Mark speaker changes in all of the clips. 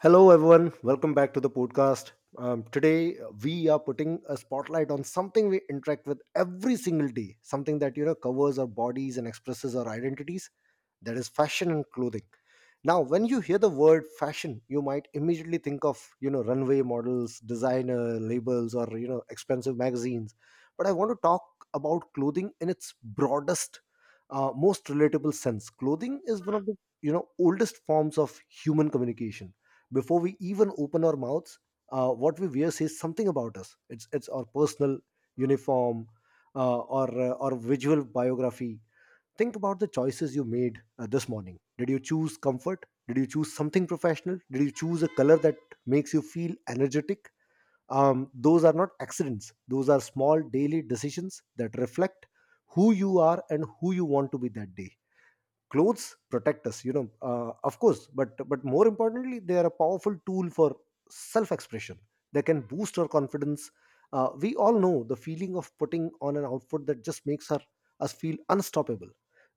Speaker 1: Hello, everyone. Welcome back to the podcast. Today, we are putting a spotlight on something we interact with every single day, something that covers our bodies and expresses our identities. That is fashion and clothing. Now when you hear the word fashion, you might immediately think of runway models, designer labels, or expensive magazines, but I want to talk about clothing in its broadest, most relatable sense. Clothing is one of the oldest forms of human communication. Before we even open our mouths, what we wear says something about us. It's our personal uniform, or visual biography. Think about the choices you made this morning. Did you choose comfort? Did you choose something professional? Did you choose a color that makes you feel energetic? Those are not accidents. Those are small daily decisions that reflect who you are and who you want to be that day. Clothes protect us, of course, but more importantly, they are a powerful tool for self expression. They can boost our confidence. We all know the feeling of putting on an outfit that just makes us feel unstoppable.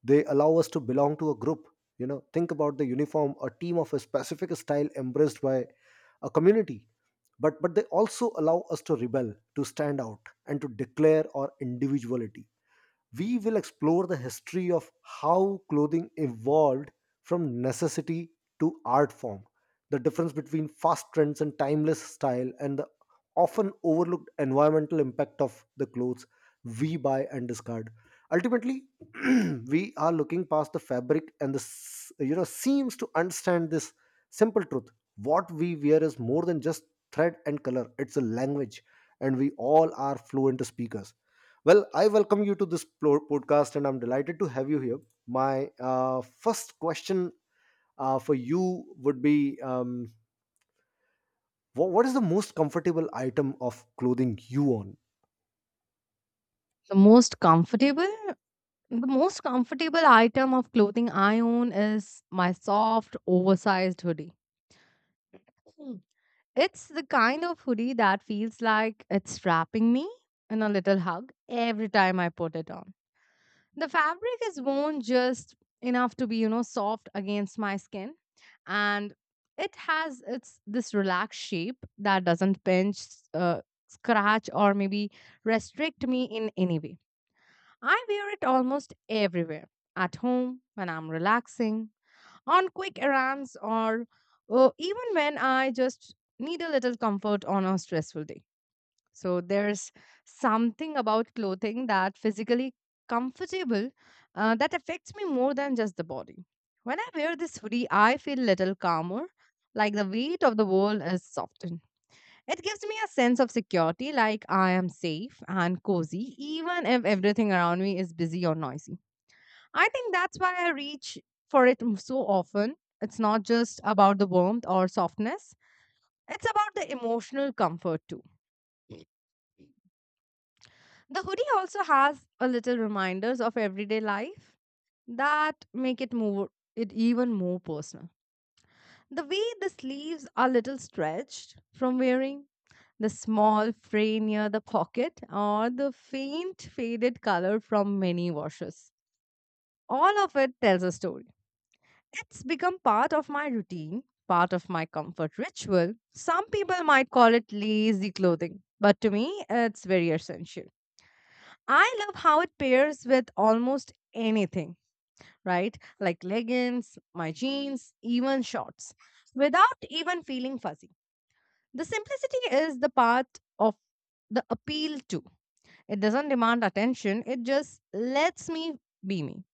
Speaker 1: They allow us to belong to a group. Think about the uniform, a team of a specific style embraced by a community. But they also allow us to rebel, to stand out, and to declare our individuality. We will explore the history of how clothing evolved from necessity to art form, the difference between fast trends and timeless style, and the often overlooked environmental impact of the clothes we buy and discard. Ultimately, we are looking past the fabric and the seams to understand this simple truth. What we wear is more than just thread and color; it's a language, and we all are fluent speakers. Well, I welcome you to this podcast, and I'm delighted to have you here. My first question for you would be, what is the most comfortable item of clothing you own?
Speaker 2: The most comfortable, the most comfortable item of clothing I own is my soft, oversized hoodie. Hmm. It's the kind of hoodie that feels like it's wrapping me in a little hug every time I put it on. The fabric is worn just enough to be, soft against my skin and it's this relaxed shape that doesn't pinch, uh, scratch or maybe restrict me in any way. I wear it almost everywhere: at home, when I'm relaxing, on quick errands, or even when I just need a little comfort on a stressful day. So there's something about clothing that physically comfortable that affects me more than just the body. When I wear this hoodie, I feel a little calmer, like the weight of the world is softened. It gives me a sense of security, like I am safe and cozy, even if everything around me is busy or noisy. I think that's why I reach for it so often. It's not just about the warmth or softness, it's about the emotional comfort too. The hoodie also has a little reminders of everyday life that make it even more personal. The way the sleeves are little stretched from wearing, the small fray near the pocket, or the faint faded color from many washes. All of it tells a story. It's become part of my routine, part of my comfort ritual. Some people might call it lazy clothing, but to me, it's very essential. I love how it pairs with almost anything, right? Like leggings, my jeans, even shorts, without even feeling fuzzy. The simplicity is the part of the appeal too. It doesn't demand attention, it just lets me be me.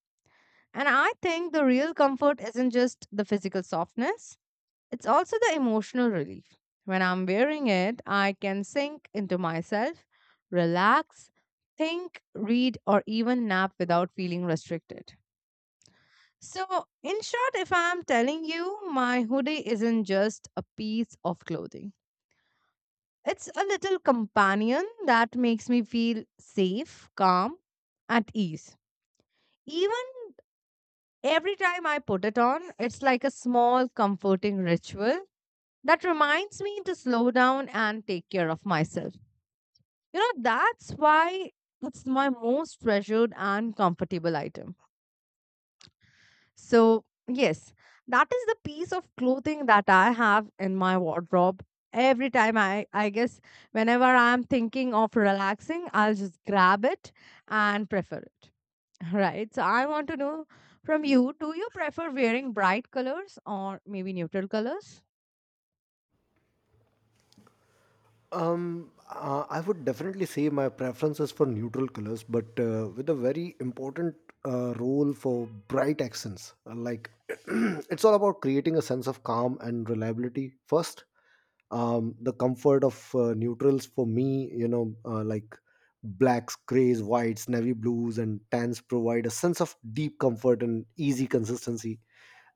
Speaker 2: And I think the real comfort isn't just the physical softness, it's also the emotional relief. When I'm wearing it, I can sink into myself, relax, think, read, or even nap without feeling restricted. So, in short, if I'm telling you, my hoodie isn't just a piece of clothing. It's a little companion that makes me feel safe, calm, at ease. Even every time I put it on, it's like a small comforting ritual that reminds me to slow down and take care of myself. That's why it's my most treasured and comfortable item. So, yes, that is the piece of clothing that I have in my wardrobe. Every time I guess, whenever I'm thinking of relaxing, I'll just grab it and prefer it. Right. So I want to know from you, do you prefer wearing bright colors or maybe neutral colors?
Speaker 1: I would definitely say my preference is for neutral colors, but with a very important role for bright accents. Like, it's all about creating a sense of calm and reliability first. The comfort of neutrals for me, like blacks, grays, whites, navy blues, and tans, provide a sense of deep comfort and easy consistency.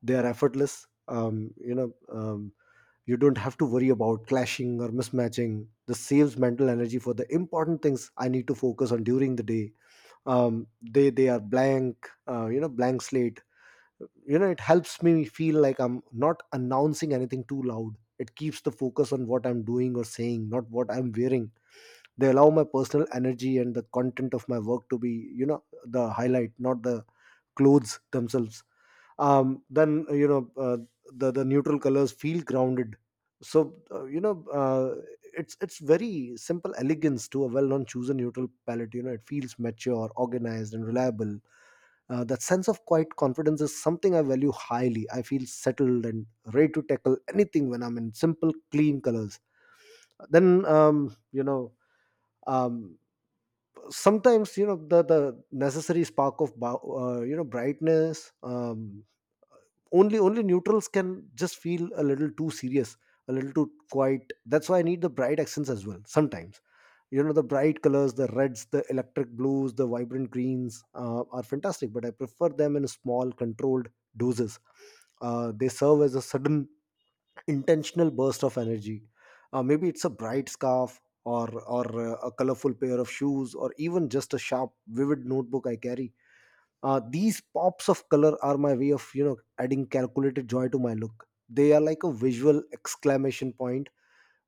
Speaker 1: They are effortless. You don't have to worry about clashing or mismatching. This saves mental energy for the important things I need to focus on during the day. They are blank, blank slate. It helps me feel like I'm not announcing anything too loud. It keeps the focus on what I'm doing or saying, not what I'm wearing. They allow my personal energy and the content of my work to be the highlight, not the clothes themselves. Then, the neutral colors feel grounded. So, it's very simple elegance to a well known choose a neutral palette. It feels mature, organized, and reliable. That sense of quiet confidence is something I value highly. I feel settled and ready to tackle anything when I'm in simple, clean colors. Then, um, sometimes the necessary spark of brightness. Only neutrals can just feel a little too serious, a little too quiet. That's why I need the bright accents as well sometimes. The bright colors, the reds, the electric blues, the vibrant greens, are fantastic, but I prefer them in small controlled doses. They serve as a sudden intentional burst of energy. Maybe it's a bright scarf, or a colorful pair of shoes, or even just a sharp vivid notebook I carry. These pops of color are my way of adding calculated joy to my look. They are like a visual exclamation point.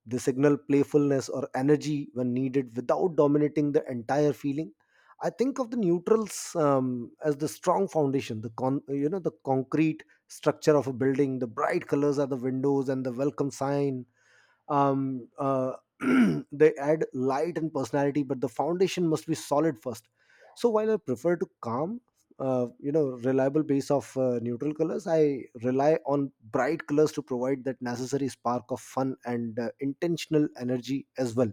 Speaker 1: They signal playfulness or energy when needed without dominating the entire feeling. I think of the neutrals as the strong foundation, the the concrete structure of a building. The bright colors are the windows and the welcome sign. um, uh, they add light and personality, but the foundation must be solid first. So while I prefer to calm, reliable base of neutral colors, I rely on bright colors to provide that necessary spark of fun and intentional energy as well.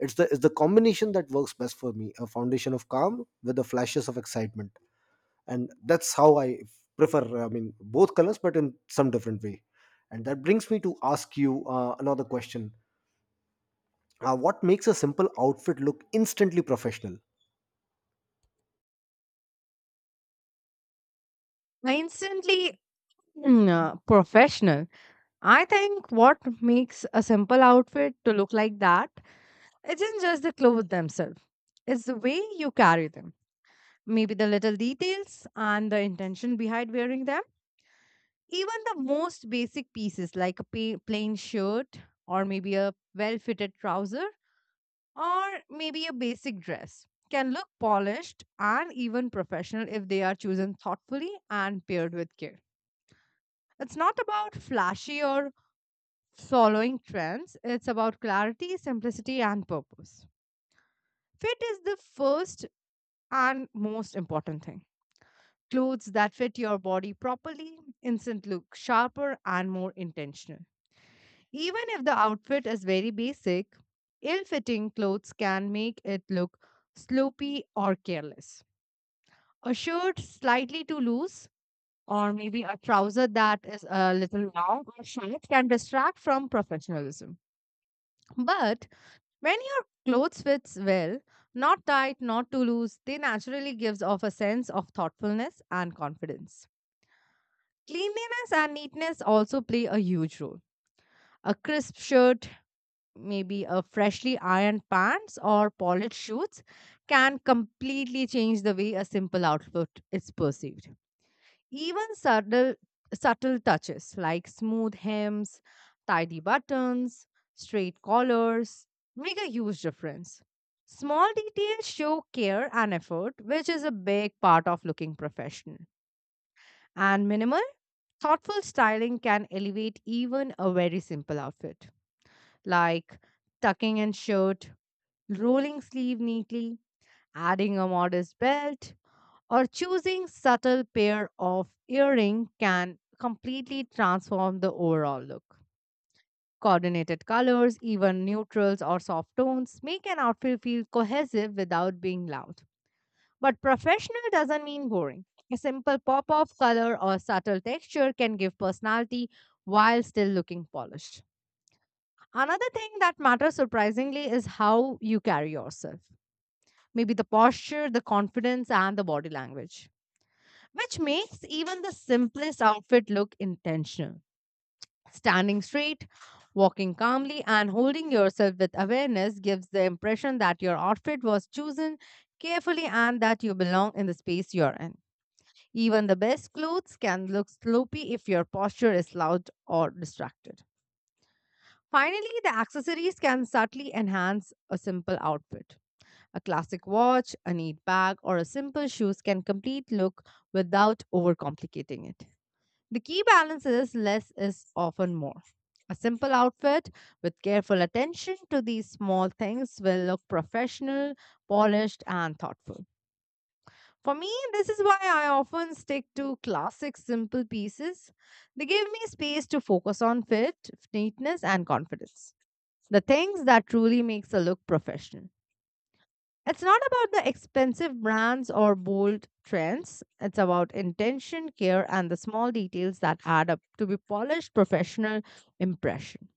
Speaker 1: It's the combination that works best for me, a foundation of calm with the flashes of excitement. And that's how I prefer, I mean, both colors but in some different way. And that brings me to ask you another question. What makes a simple outfit look instantly professional?
Speaker 2: I instantly professional. I think what makes a simple outfit to look like that isn't just the clothes themselves. It's the way you carry them. Maybe the little details and the intention behind wearing them. Even the most basic pieces like a plain shirt or maybe a well-fitted trouser or maybe a basic dress can look polished and even professional if they are chosen thoughtfully and paired with care. It's not about flashy or following trends, it's about clarity, simplicity, and purpose. Fit is the first and most important thing. Clothes that fit your body properly, instant look sharper and more intentional. Even if the outfit is very basic, ill fitting clothes can make it look sloppy or careless. A shirt slightly too loose, or maybe a trouser that is a little long or short can distract from professionalism. But when your clothes fits well, not tight, not too loose, they naturally gives off a sense of thoughtfulness and confidence. Cleanliness and neatness also play a huge role. A crisp shirt, maybe a freshly ironed pants or polished shoes can completely change the way a simple outfit is perceived. Even subtle touches like smooth hems, tidy buttons, straight collars make a huge difference. Small details show care and effort, which is a big part of looking professional. And minimal, thoughtful styling can elevate even a very simple outfit, like tucking in shirt, rolling sleeve neatly, adding a modest belt, or choosing subtle pair of earring can completely transform the overall look. Coordinated colors, even neutrals or soft tones, make an outfit feel cohesive without being loud. But professional doesn't mean boring. A simple pop of color or subtle texture can give personality while still looking polished. Another thing that matters surprisingly is how you carry yourself. Maybe the posture, the confidence, and the body language, which makes even the simplest outfit look intentional. Standing straight, walking calmly, and holding yourself with awareness gives the impression that your outfit was chosen carefully and that you belong in the space you're in. Even the best clothes can look sloppy if your posture is loud or distracted. Finally, the accessories can subtly enhance a simple outfit. A classic watch, a neat bag, or a simple shoes can complete look without overcomplicating it. The key balance is less is often more. A simple outfit with careful attention to these small things will look professional, polished, and thoughtful. For me, this is why I often stick to classic simple pieces. They give me space to focus on fit, neatness, and confidence. The things that truly makes a look professional. It's not about the expensive brands or bold trends. It's about intention, care, and the small details that add up to be polished professional impression.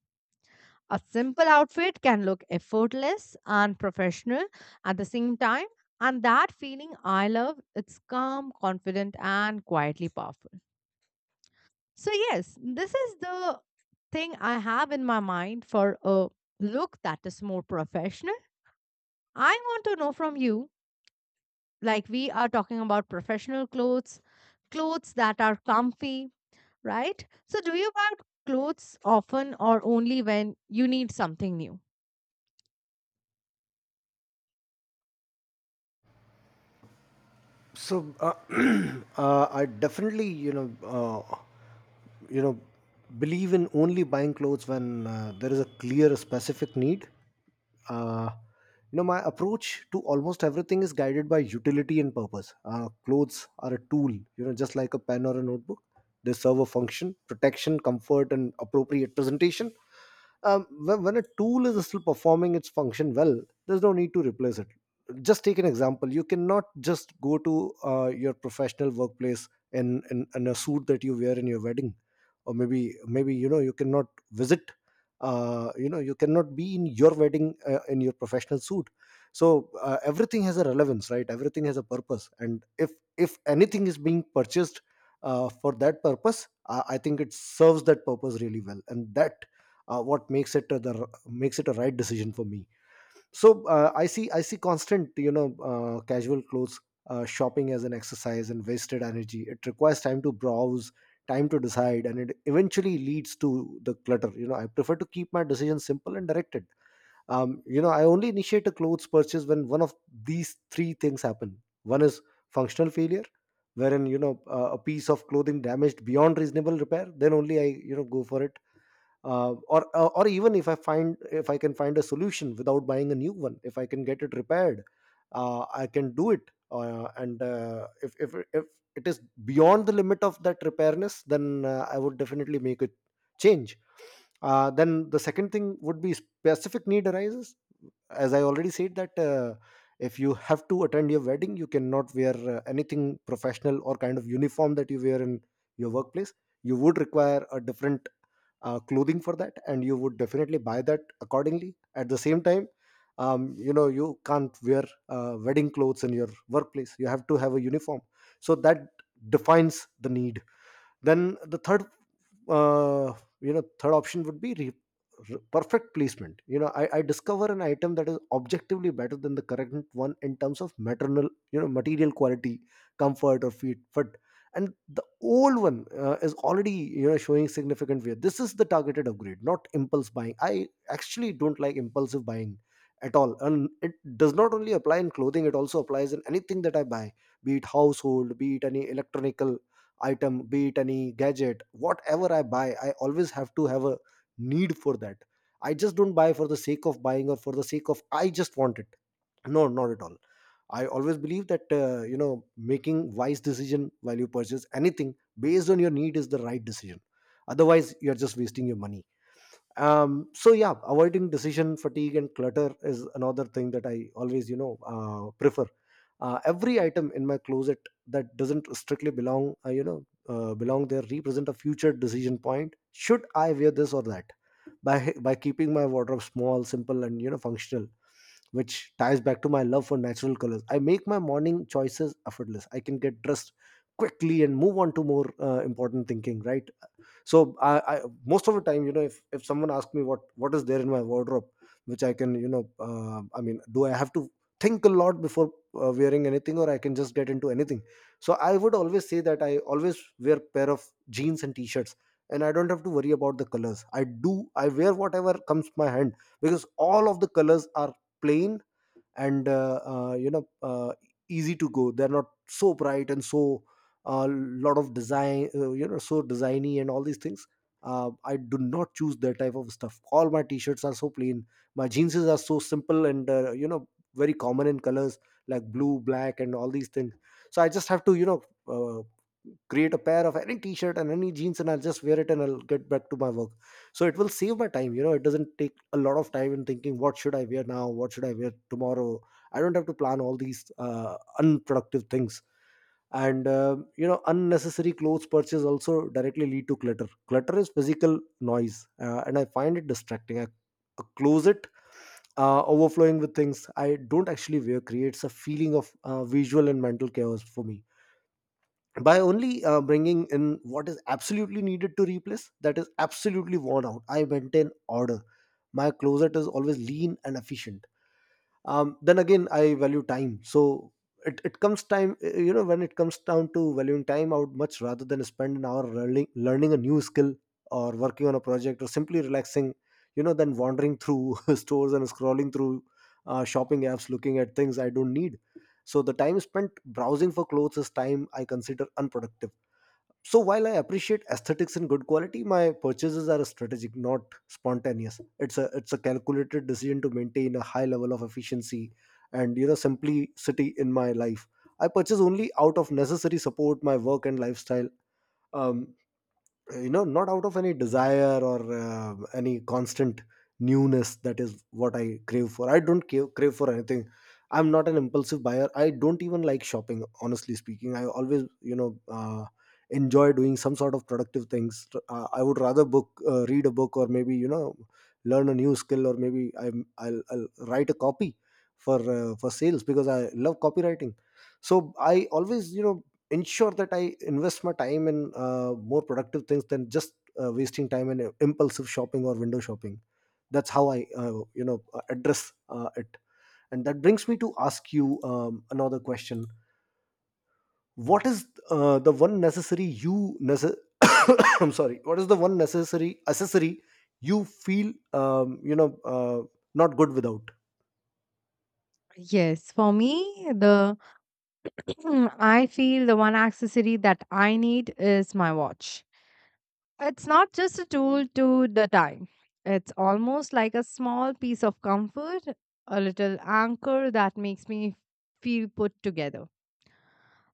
Speaker 2: A simple outfit can look effortless and professional at the same time, and that feeling I love, it's calm, confident, and quietly powerful. So yes, this is the thing I have in my mind for a look that is more professional. I want to know from you, like we are talking about professional clothes, clothes that are comfy, right? So do you buy clothes often or only when you need something new?
Speaker 1: So, I definitely, you know believe in only buying clothes when there is a clear specific need. uh, my approach to almost everything is guided by utility and purpose. Clothes are a tool, just like a pen or a notebook. They serve a function: protection, comfort, and appropriate presentation. When a tool is still performing its function well, there's no need to replace it. Just take an example. You cannot just go to your professional workplace in a suit that you wear in your wedding, or maybe, you cannot visit. You cannot be in your wedding in your professional suit. So, everything has a relevance, right? Everything has a purpose. And if anything is being purchased for that purpose, I think it serves that purpose really well, and that what makes it, the makes it a right decision for me. So, I see constant casual clothes shopping as an exercise and wasted energy. It requires time to browse, time to decide, and it eventually leads to the clutter. I prefer to keep my decisions simple and directed. I only initiate a clothes purchase when one of these three things happen. One is functional failure, wherein, a piece of clothing damaged beyond reasonable repair, then only I go for it. Or even if I find, if I can find a solution without buying a new one, if I can get it repaired, I can do it. And if it is beyond the limit of that repairness, then I would definitely make a change. Then, the second thing would be specific need arises. As I already said that, if you have to attend your wedding, you cannot wear anything professional or kind of uniform that you wear in your workplace. You would require a different clothing for that, and you would definitely buy that accordingly. At the same time, you can't wear wedding clothes in your workplace. You have to have a uniform. So that defines the need. Then, the third, uh, third option would be perfect placement. I discover an item that is objectively better than the current one in terms of maternal you know material quality, comfort, or fit, and the old one is already showing significant wear. This is the targeted upgrade, not impulse buying. I actually don't like impulsive buying at all, and it does not only apply in clothing. It also applies in anything that I buy. Be it household, be it any electronical item, be it any gadget, whatever I buy, I always have to have a need for that. I just don't buy for the sake of buying, or for the sake of I just want it. No, not at all. I always believe that, making wise decision while you purchase anything based on your need, is the right decision. Otherwise, you're just wasting your money. So yeah, avoiding decision fatigue and clutter is another thing that I always, prefer. Every item in my closet that doesn't strictly belong, belong there, represent a future decision point: should I wear this or that? By keeping my wardrobe small, simple, and functional, which ties back to my love for natural colors, I make my morning choices effortless. I can get dressed quickly and move on to more important thinking, right? So I most of the time, if someone asks me what is there in my wardrobe, which I Can you know do I have to think a lot before wearing anything, or I can just get into anything? So I would always say that I always wear pair of jeans and t-shirts, and I don't have to worry about the colors. I do, I wear whatever comes my hand, because all of the colors are plain and easy to go. They're not so bright and so a lot of design, you know, so designy and all these things. Uh, I do not choose that type of stuff. All my t-shirts are so plain, my jeans are so simple and you know, very common in colors like blue, black and all these things. So I just have to, you know, uh, create a pair of any t-shirt and any jeans, and I'll just wear it and I'll get back to my work. So it will save my time. You know, it doesn't take a lot of time in thinking what should I wear now, what should I wear tomorrow. I don't have to plan all these unproductive things. And you know, unnecessary clothes purchase also directly lead to clutter. Clutter is physical noise, and I find it distracting. A closet overflowing with things I don't actually wear creates a feeling of visual and mental chaos for me. By only bringing in what is absolutely needed to replace that is absolutely worn out, I maintain order. My closet is always lean and efficient. Then again, I value time. So it comes time, you know, when it comes down to valuing time out, much rather than spend an hour learning a new skill or working on a project or simply relaxing, you know, then wandering through stores and scrolling through shopping apps looking at things I don't need. So the time spent browsing for clothes is time I consider unproductive. So while I appreciate aesthetics and good quality, my purchases are strategic, not spontaneous. It's a, it's a calculated decision to maintain a high level of efficiency and, you know, simplicity in my life. I purchase only out of necessary support my work and lifestyle. Um, you know, not out of any desire or any constant newness. That is what I crave for. I don't crave for anything. I'm not an impulsive buyer. I don't even like shopping, honestly speaking. I always, you know, uh, enjoy doing some sort of productive things. Uh, I would rather book read a book, or maybe, you know, learn a new skill, or maybe I'll write a copy for sales, because I love copywriting. So I always, you know, ensure that I invest my time in more productive things than just wasting time in impulsive shopping or window shopping. That's how I you know, address it. And that brings me to ask you another question. What is the one necessary I'm sorry, what is the one necessary accessory you feel you know, not good without?
Speaker 2: Yes, for me, the I feel the one accessory that I need is my watch. It's not just a tool to the time. It's almost like a small piece of comfort, a little anchor that makes me feel put together.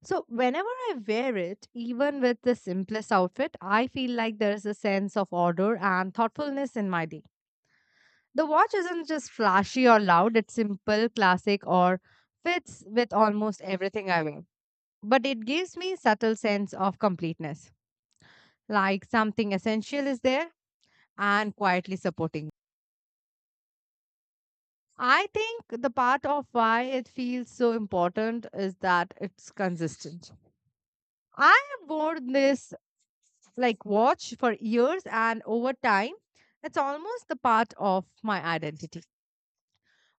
Speaker 2: So whenever I wear it, even with the simplest outfit, I feel like there is a sense of order and thoughtfulness in my day. The watch isn't just flashy or loud, it's simple, classic or fits with almost everything I wear. But it gives me subtle sense of completeness, like something essential is there and quietly supporting. I think the part of why it feels so important is that it's consistent. I have worn this like watch for years, and over time, it's almost the part of my identity.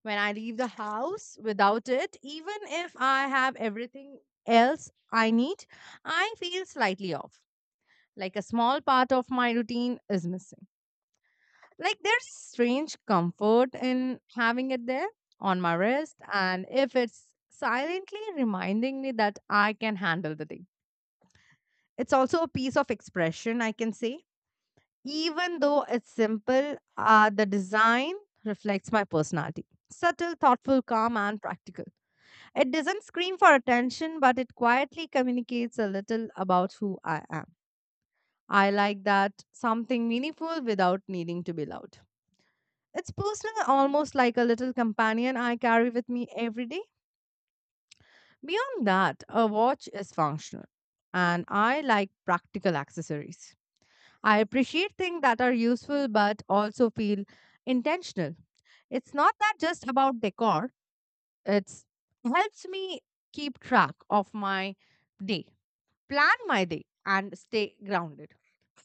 Speaker 2: When I leave the house without it, even if I have everything else I need, I feel slightly off. Like a small part of my routine is missing. Like there's strange comfort in having it there on my wrist, and if it's silently reminding me that I can handle the day. It's also a piece of expression, I can say. Even though it's simple, the design reflects my personality. Subtle, thoughtful, calm, and practical. It doesn't scream for attention, but it quietly communicates a little about who I am. I like that something meaningful without needing to be loud. It's personal, almost like a little companion I carry with me every day. Beyond that, a watch is functional, and I like practical accessories. I appreciate things that are useful but also feel intentional. It's not that just about decor, it's helps me keep track of my day, plan my day and stay grounded.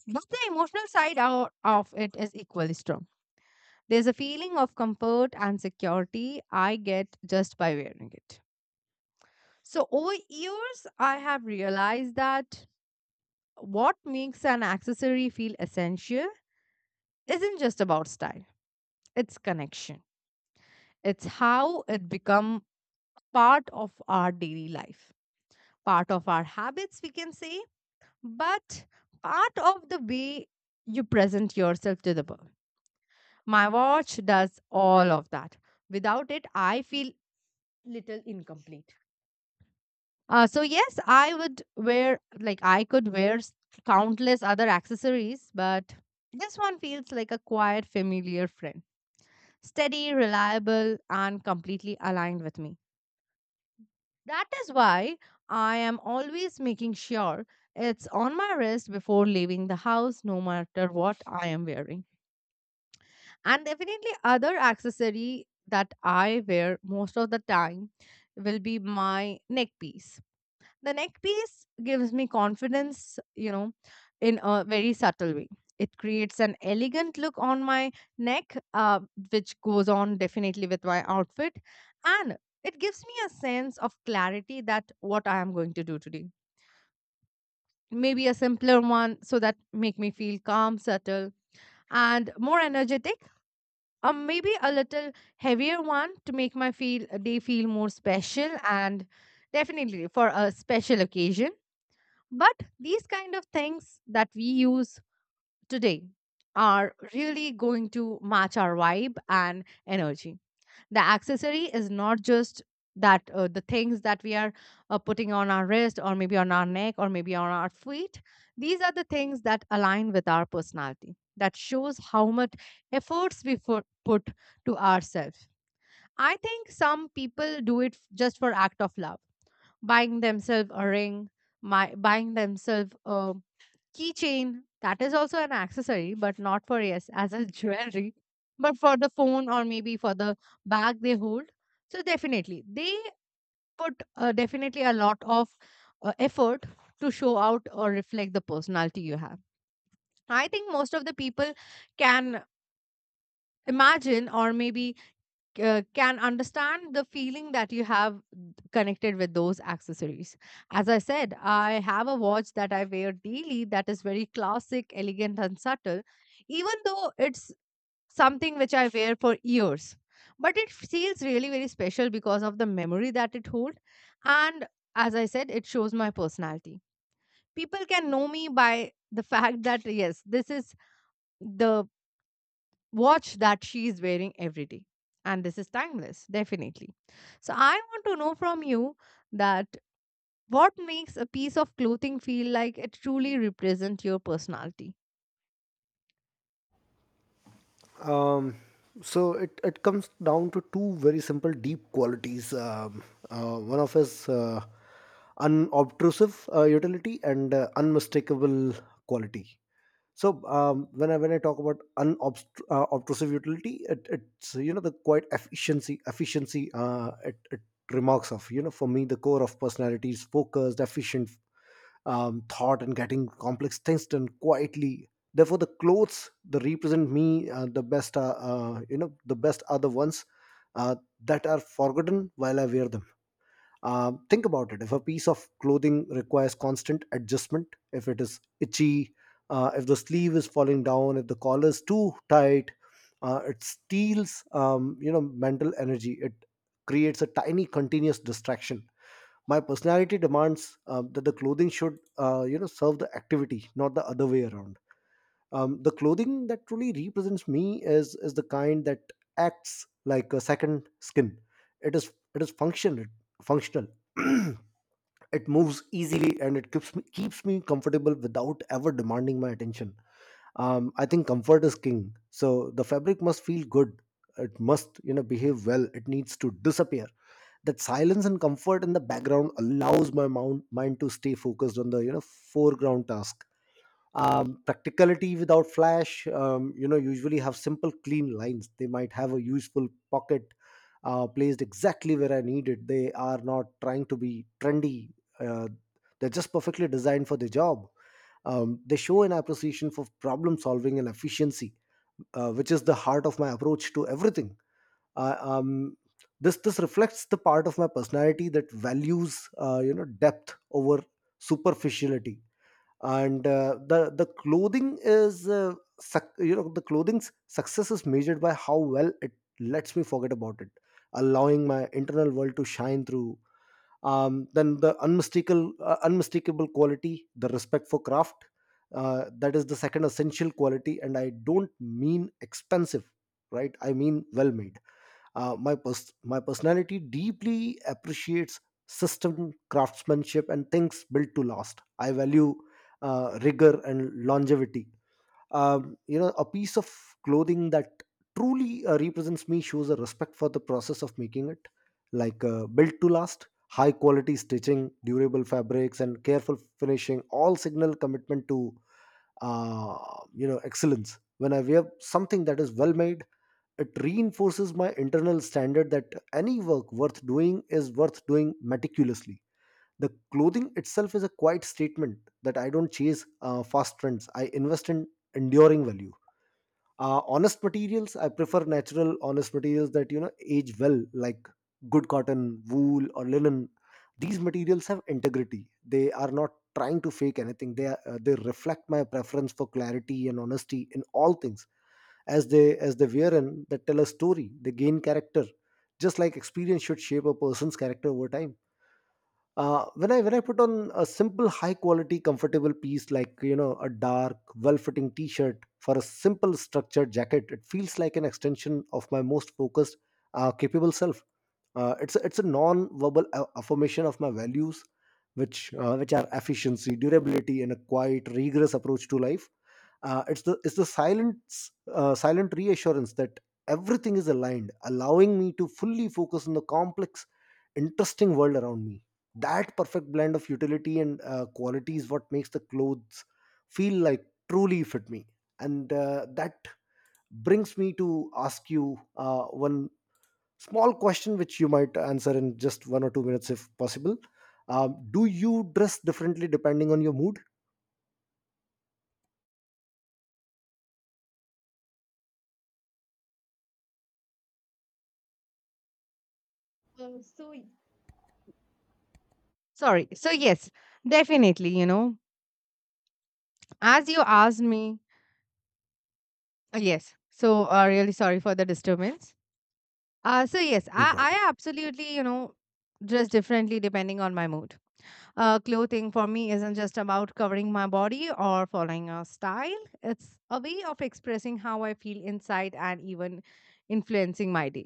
Speaker 2: But the emotional side out of it is equally strong. There's a feeling of comfort and security I get just by wearing it. So over years I have realized that what makes an accessory feel essential isn't just about style. It's connection. It's how it become part of our daily life, part of our habits, we can say, but part of the way you present yourself to the world. My watch does all of that. Without it, I feel little incomplete. So yes, I would wear like I could wear countless other accessories, but this one feels like a quiet, familiar friend, steady, reliable, and completely aligned with me. That is why I am always making sure it's on my wrist before leaving the house, no matter what I am wearing. And definitely, other accessory that I wear most of the time will be my neck piece. The neck piece gives me confidence, in a very subtle way. It creates an elegant look on my neck, which goes on definitely with my outfit. And it gives me a sense of clarity that what I am going to do today. Maybe a simpler one so that make me feel calm, subtle, and more energetic. Or maybe a little heavier one to make my feel day feel more special and definitely for a special occasion, but these kind of things that we use today are really going to match our vibe and energy. The accessory is not just that the things that we are putting on our wrist or maybe on our neck or maybe on our feet. These are the things that align with our personality, that shows how much efforts we put to ourselves. I think some people do it just for act of love, buying themselves a ring, buying themselves a keychain, that is also an accessory, but not for yes, as a jewelry, but for the phone or maybe for the bag they hold. So definitely, they put definitely a lot of effort to show out or reflect the personality you have. I think most of the people can imagine or maybe can understand the feeling that you have connected with those accessories. As I said, I have a watch that I wear daily that is very classic, elegant, and subtle, even though it's something which I wear for years. But it feels really very special because of the memory that it holds. And as I said, it shows my personality. People can know me by the fact that, yes, this is the watch that she is wearing every day and this is timeless definitely. So I want to know from you, that what makes a piece of clothing feel like it truly represents your personality?
Speaker 1: Um, so it comes down to two very simple deep qualities. One of is unobtrusive utility and unmistakable quality. So when I talk about unobtrusive obtrusive utility, it's, you know, the quite efficiency. It remarks of, you know, for me the core of personality is focused, efficient, thought, and getting complex things done quietly. Therefore, the clothes that represent me the best are, you know the best are the ones uh, that are forgotten while I wear them. Uh, think about it. If a piece of clothing requires constant adjustment, if it is itchy, if the sleeve is falling down, if the collar is too tight, it steals, you know, mental energy. It creates a tiny continuous distraction. My personality demands that the clothing should, you know, serve the activity, not the other way around. The clothing that truly represents me is the kind that acts like a second skin. It is functional. Functional. It moves easily and it keeps me comfortable without ever demanding my attention. I think comfort is king. So the fabric must feel good. It must, you know, behave well. It needs to disappear. That silence and comfort in the background allows my mind to stay focused on the, you know, foreground task. Practicality without flash, you know, usually have simple clean lines. They might have a useful pocket placed exactly where I need it. They are not trying to be trendy. uh, they're just perfectly designed for the job. They show an appreciation for problem solving and efficiency, which is the heart of my approach to everything. uh, um, this reflects the part of my personality that values you know, depth over superficiality. And the clothing is you know, the clothing's success is measured by how well it lets me forget about it, allowing my internal world to shine through. Then the unmistakable quality, the respect for craft. Uh, that is the second essential quality, and I don't mean expensive, right? I mean well made. My personality deeply appreciates system craftsmanship and things built to last. I value rigor and longevity. You know, a piece of clothing that truly represents me shows a respect for the process of making it, like built to last. High quality stitching, durable fabrics, and careful finishing all signal commitment to uh, you know, excellence. When I wear something that is well made, it reinforces my internal standard that any work worth doing is worth doing meticulously. The clothing itself is a quiet statement that I don't chase fast trends, I invest in enduring value. Honest materials, I prefer natural, honest materials that, you know, age well, like good cotton, wool, or linen. These materials have integrity. They are not trying to fake anything. They are, they reflect my preference for clarity and honesty in all things. As they wear and that tell a story, they gain character, just like experience should shape a person's character over time. When I put on a simple high quality comfortable piece, like, you know, a dark well fitting t-shirt for a simple structured jacket, it feels like an extension of my most focused capable self. It's a non verbal affirmation of my values, which are efficiency, durability, and a quiet rigorous approach to life. It's the silence silent reassurance that everything is aligned, allowing me to fully focus on the complex, interesting world around me. That perfect blend of utility and quality is what makes the clothes feel like truly fit me. And that brings me to ask you one small question which you might answer in just 1 or 2 minutes, if possible. Um, do you dress differently depending on your mood?
Speaker 2: Uh, so y- Sorry, so yes, definitely, as you asked me, yes, so really sorry for the disturbance. So yes, i
Speaker 1: No problem.
Speaker 2: i absolutely, dress differently depending on my mood. Clothing for me isn't just about covering my body or following a style. It's a way of expressing how I feel inside and even influencing my day.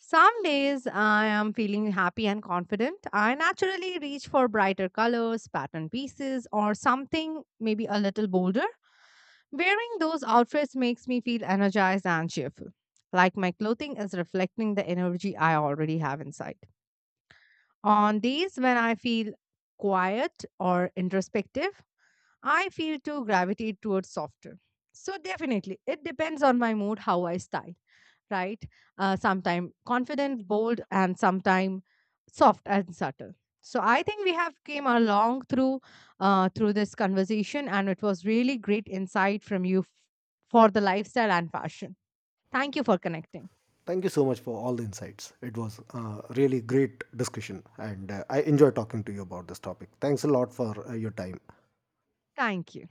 Speaker 2: Some days I am feeling happy and confident. I naturally reach for brighter colors, pattern pieces, or something maybe a little bolder. Wearing those outfits makes me feel energized and cheerful, like my clothing is reflecting the energy I already have inside. On days when I feel quiet or introspective, I feel to gravitate towards softer. So definitely, it depends on my mood how I style, right? Sometime confident, bold, and sometime soft and subtle. So I think we have came along through through this conversation, and it was really great insight from you for the lifestyle and fashion. Thank you for connecting.
Speaker 1: Thank you so much for all the insights. It was really great discussion, and I enjoy talking to you about this topic. Thanks a lot for your time.
Speaker 2: Thank you.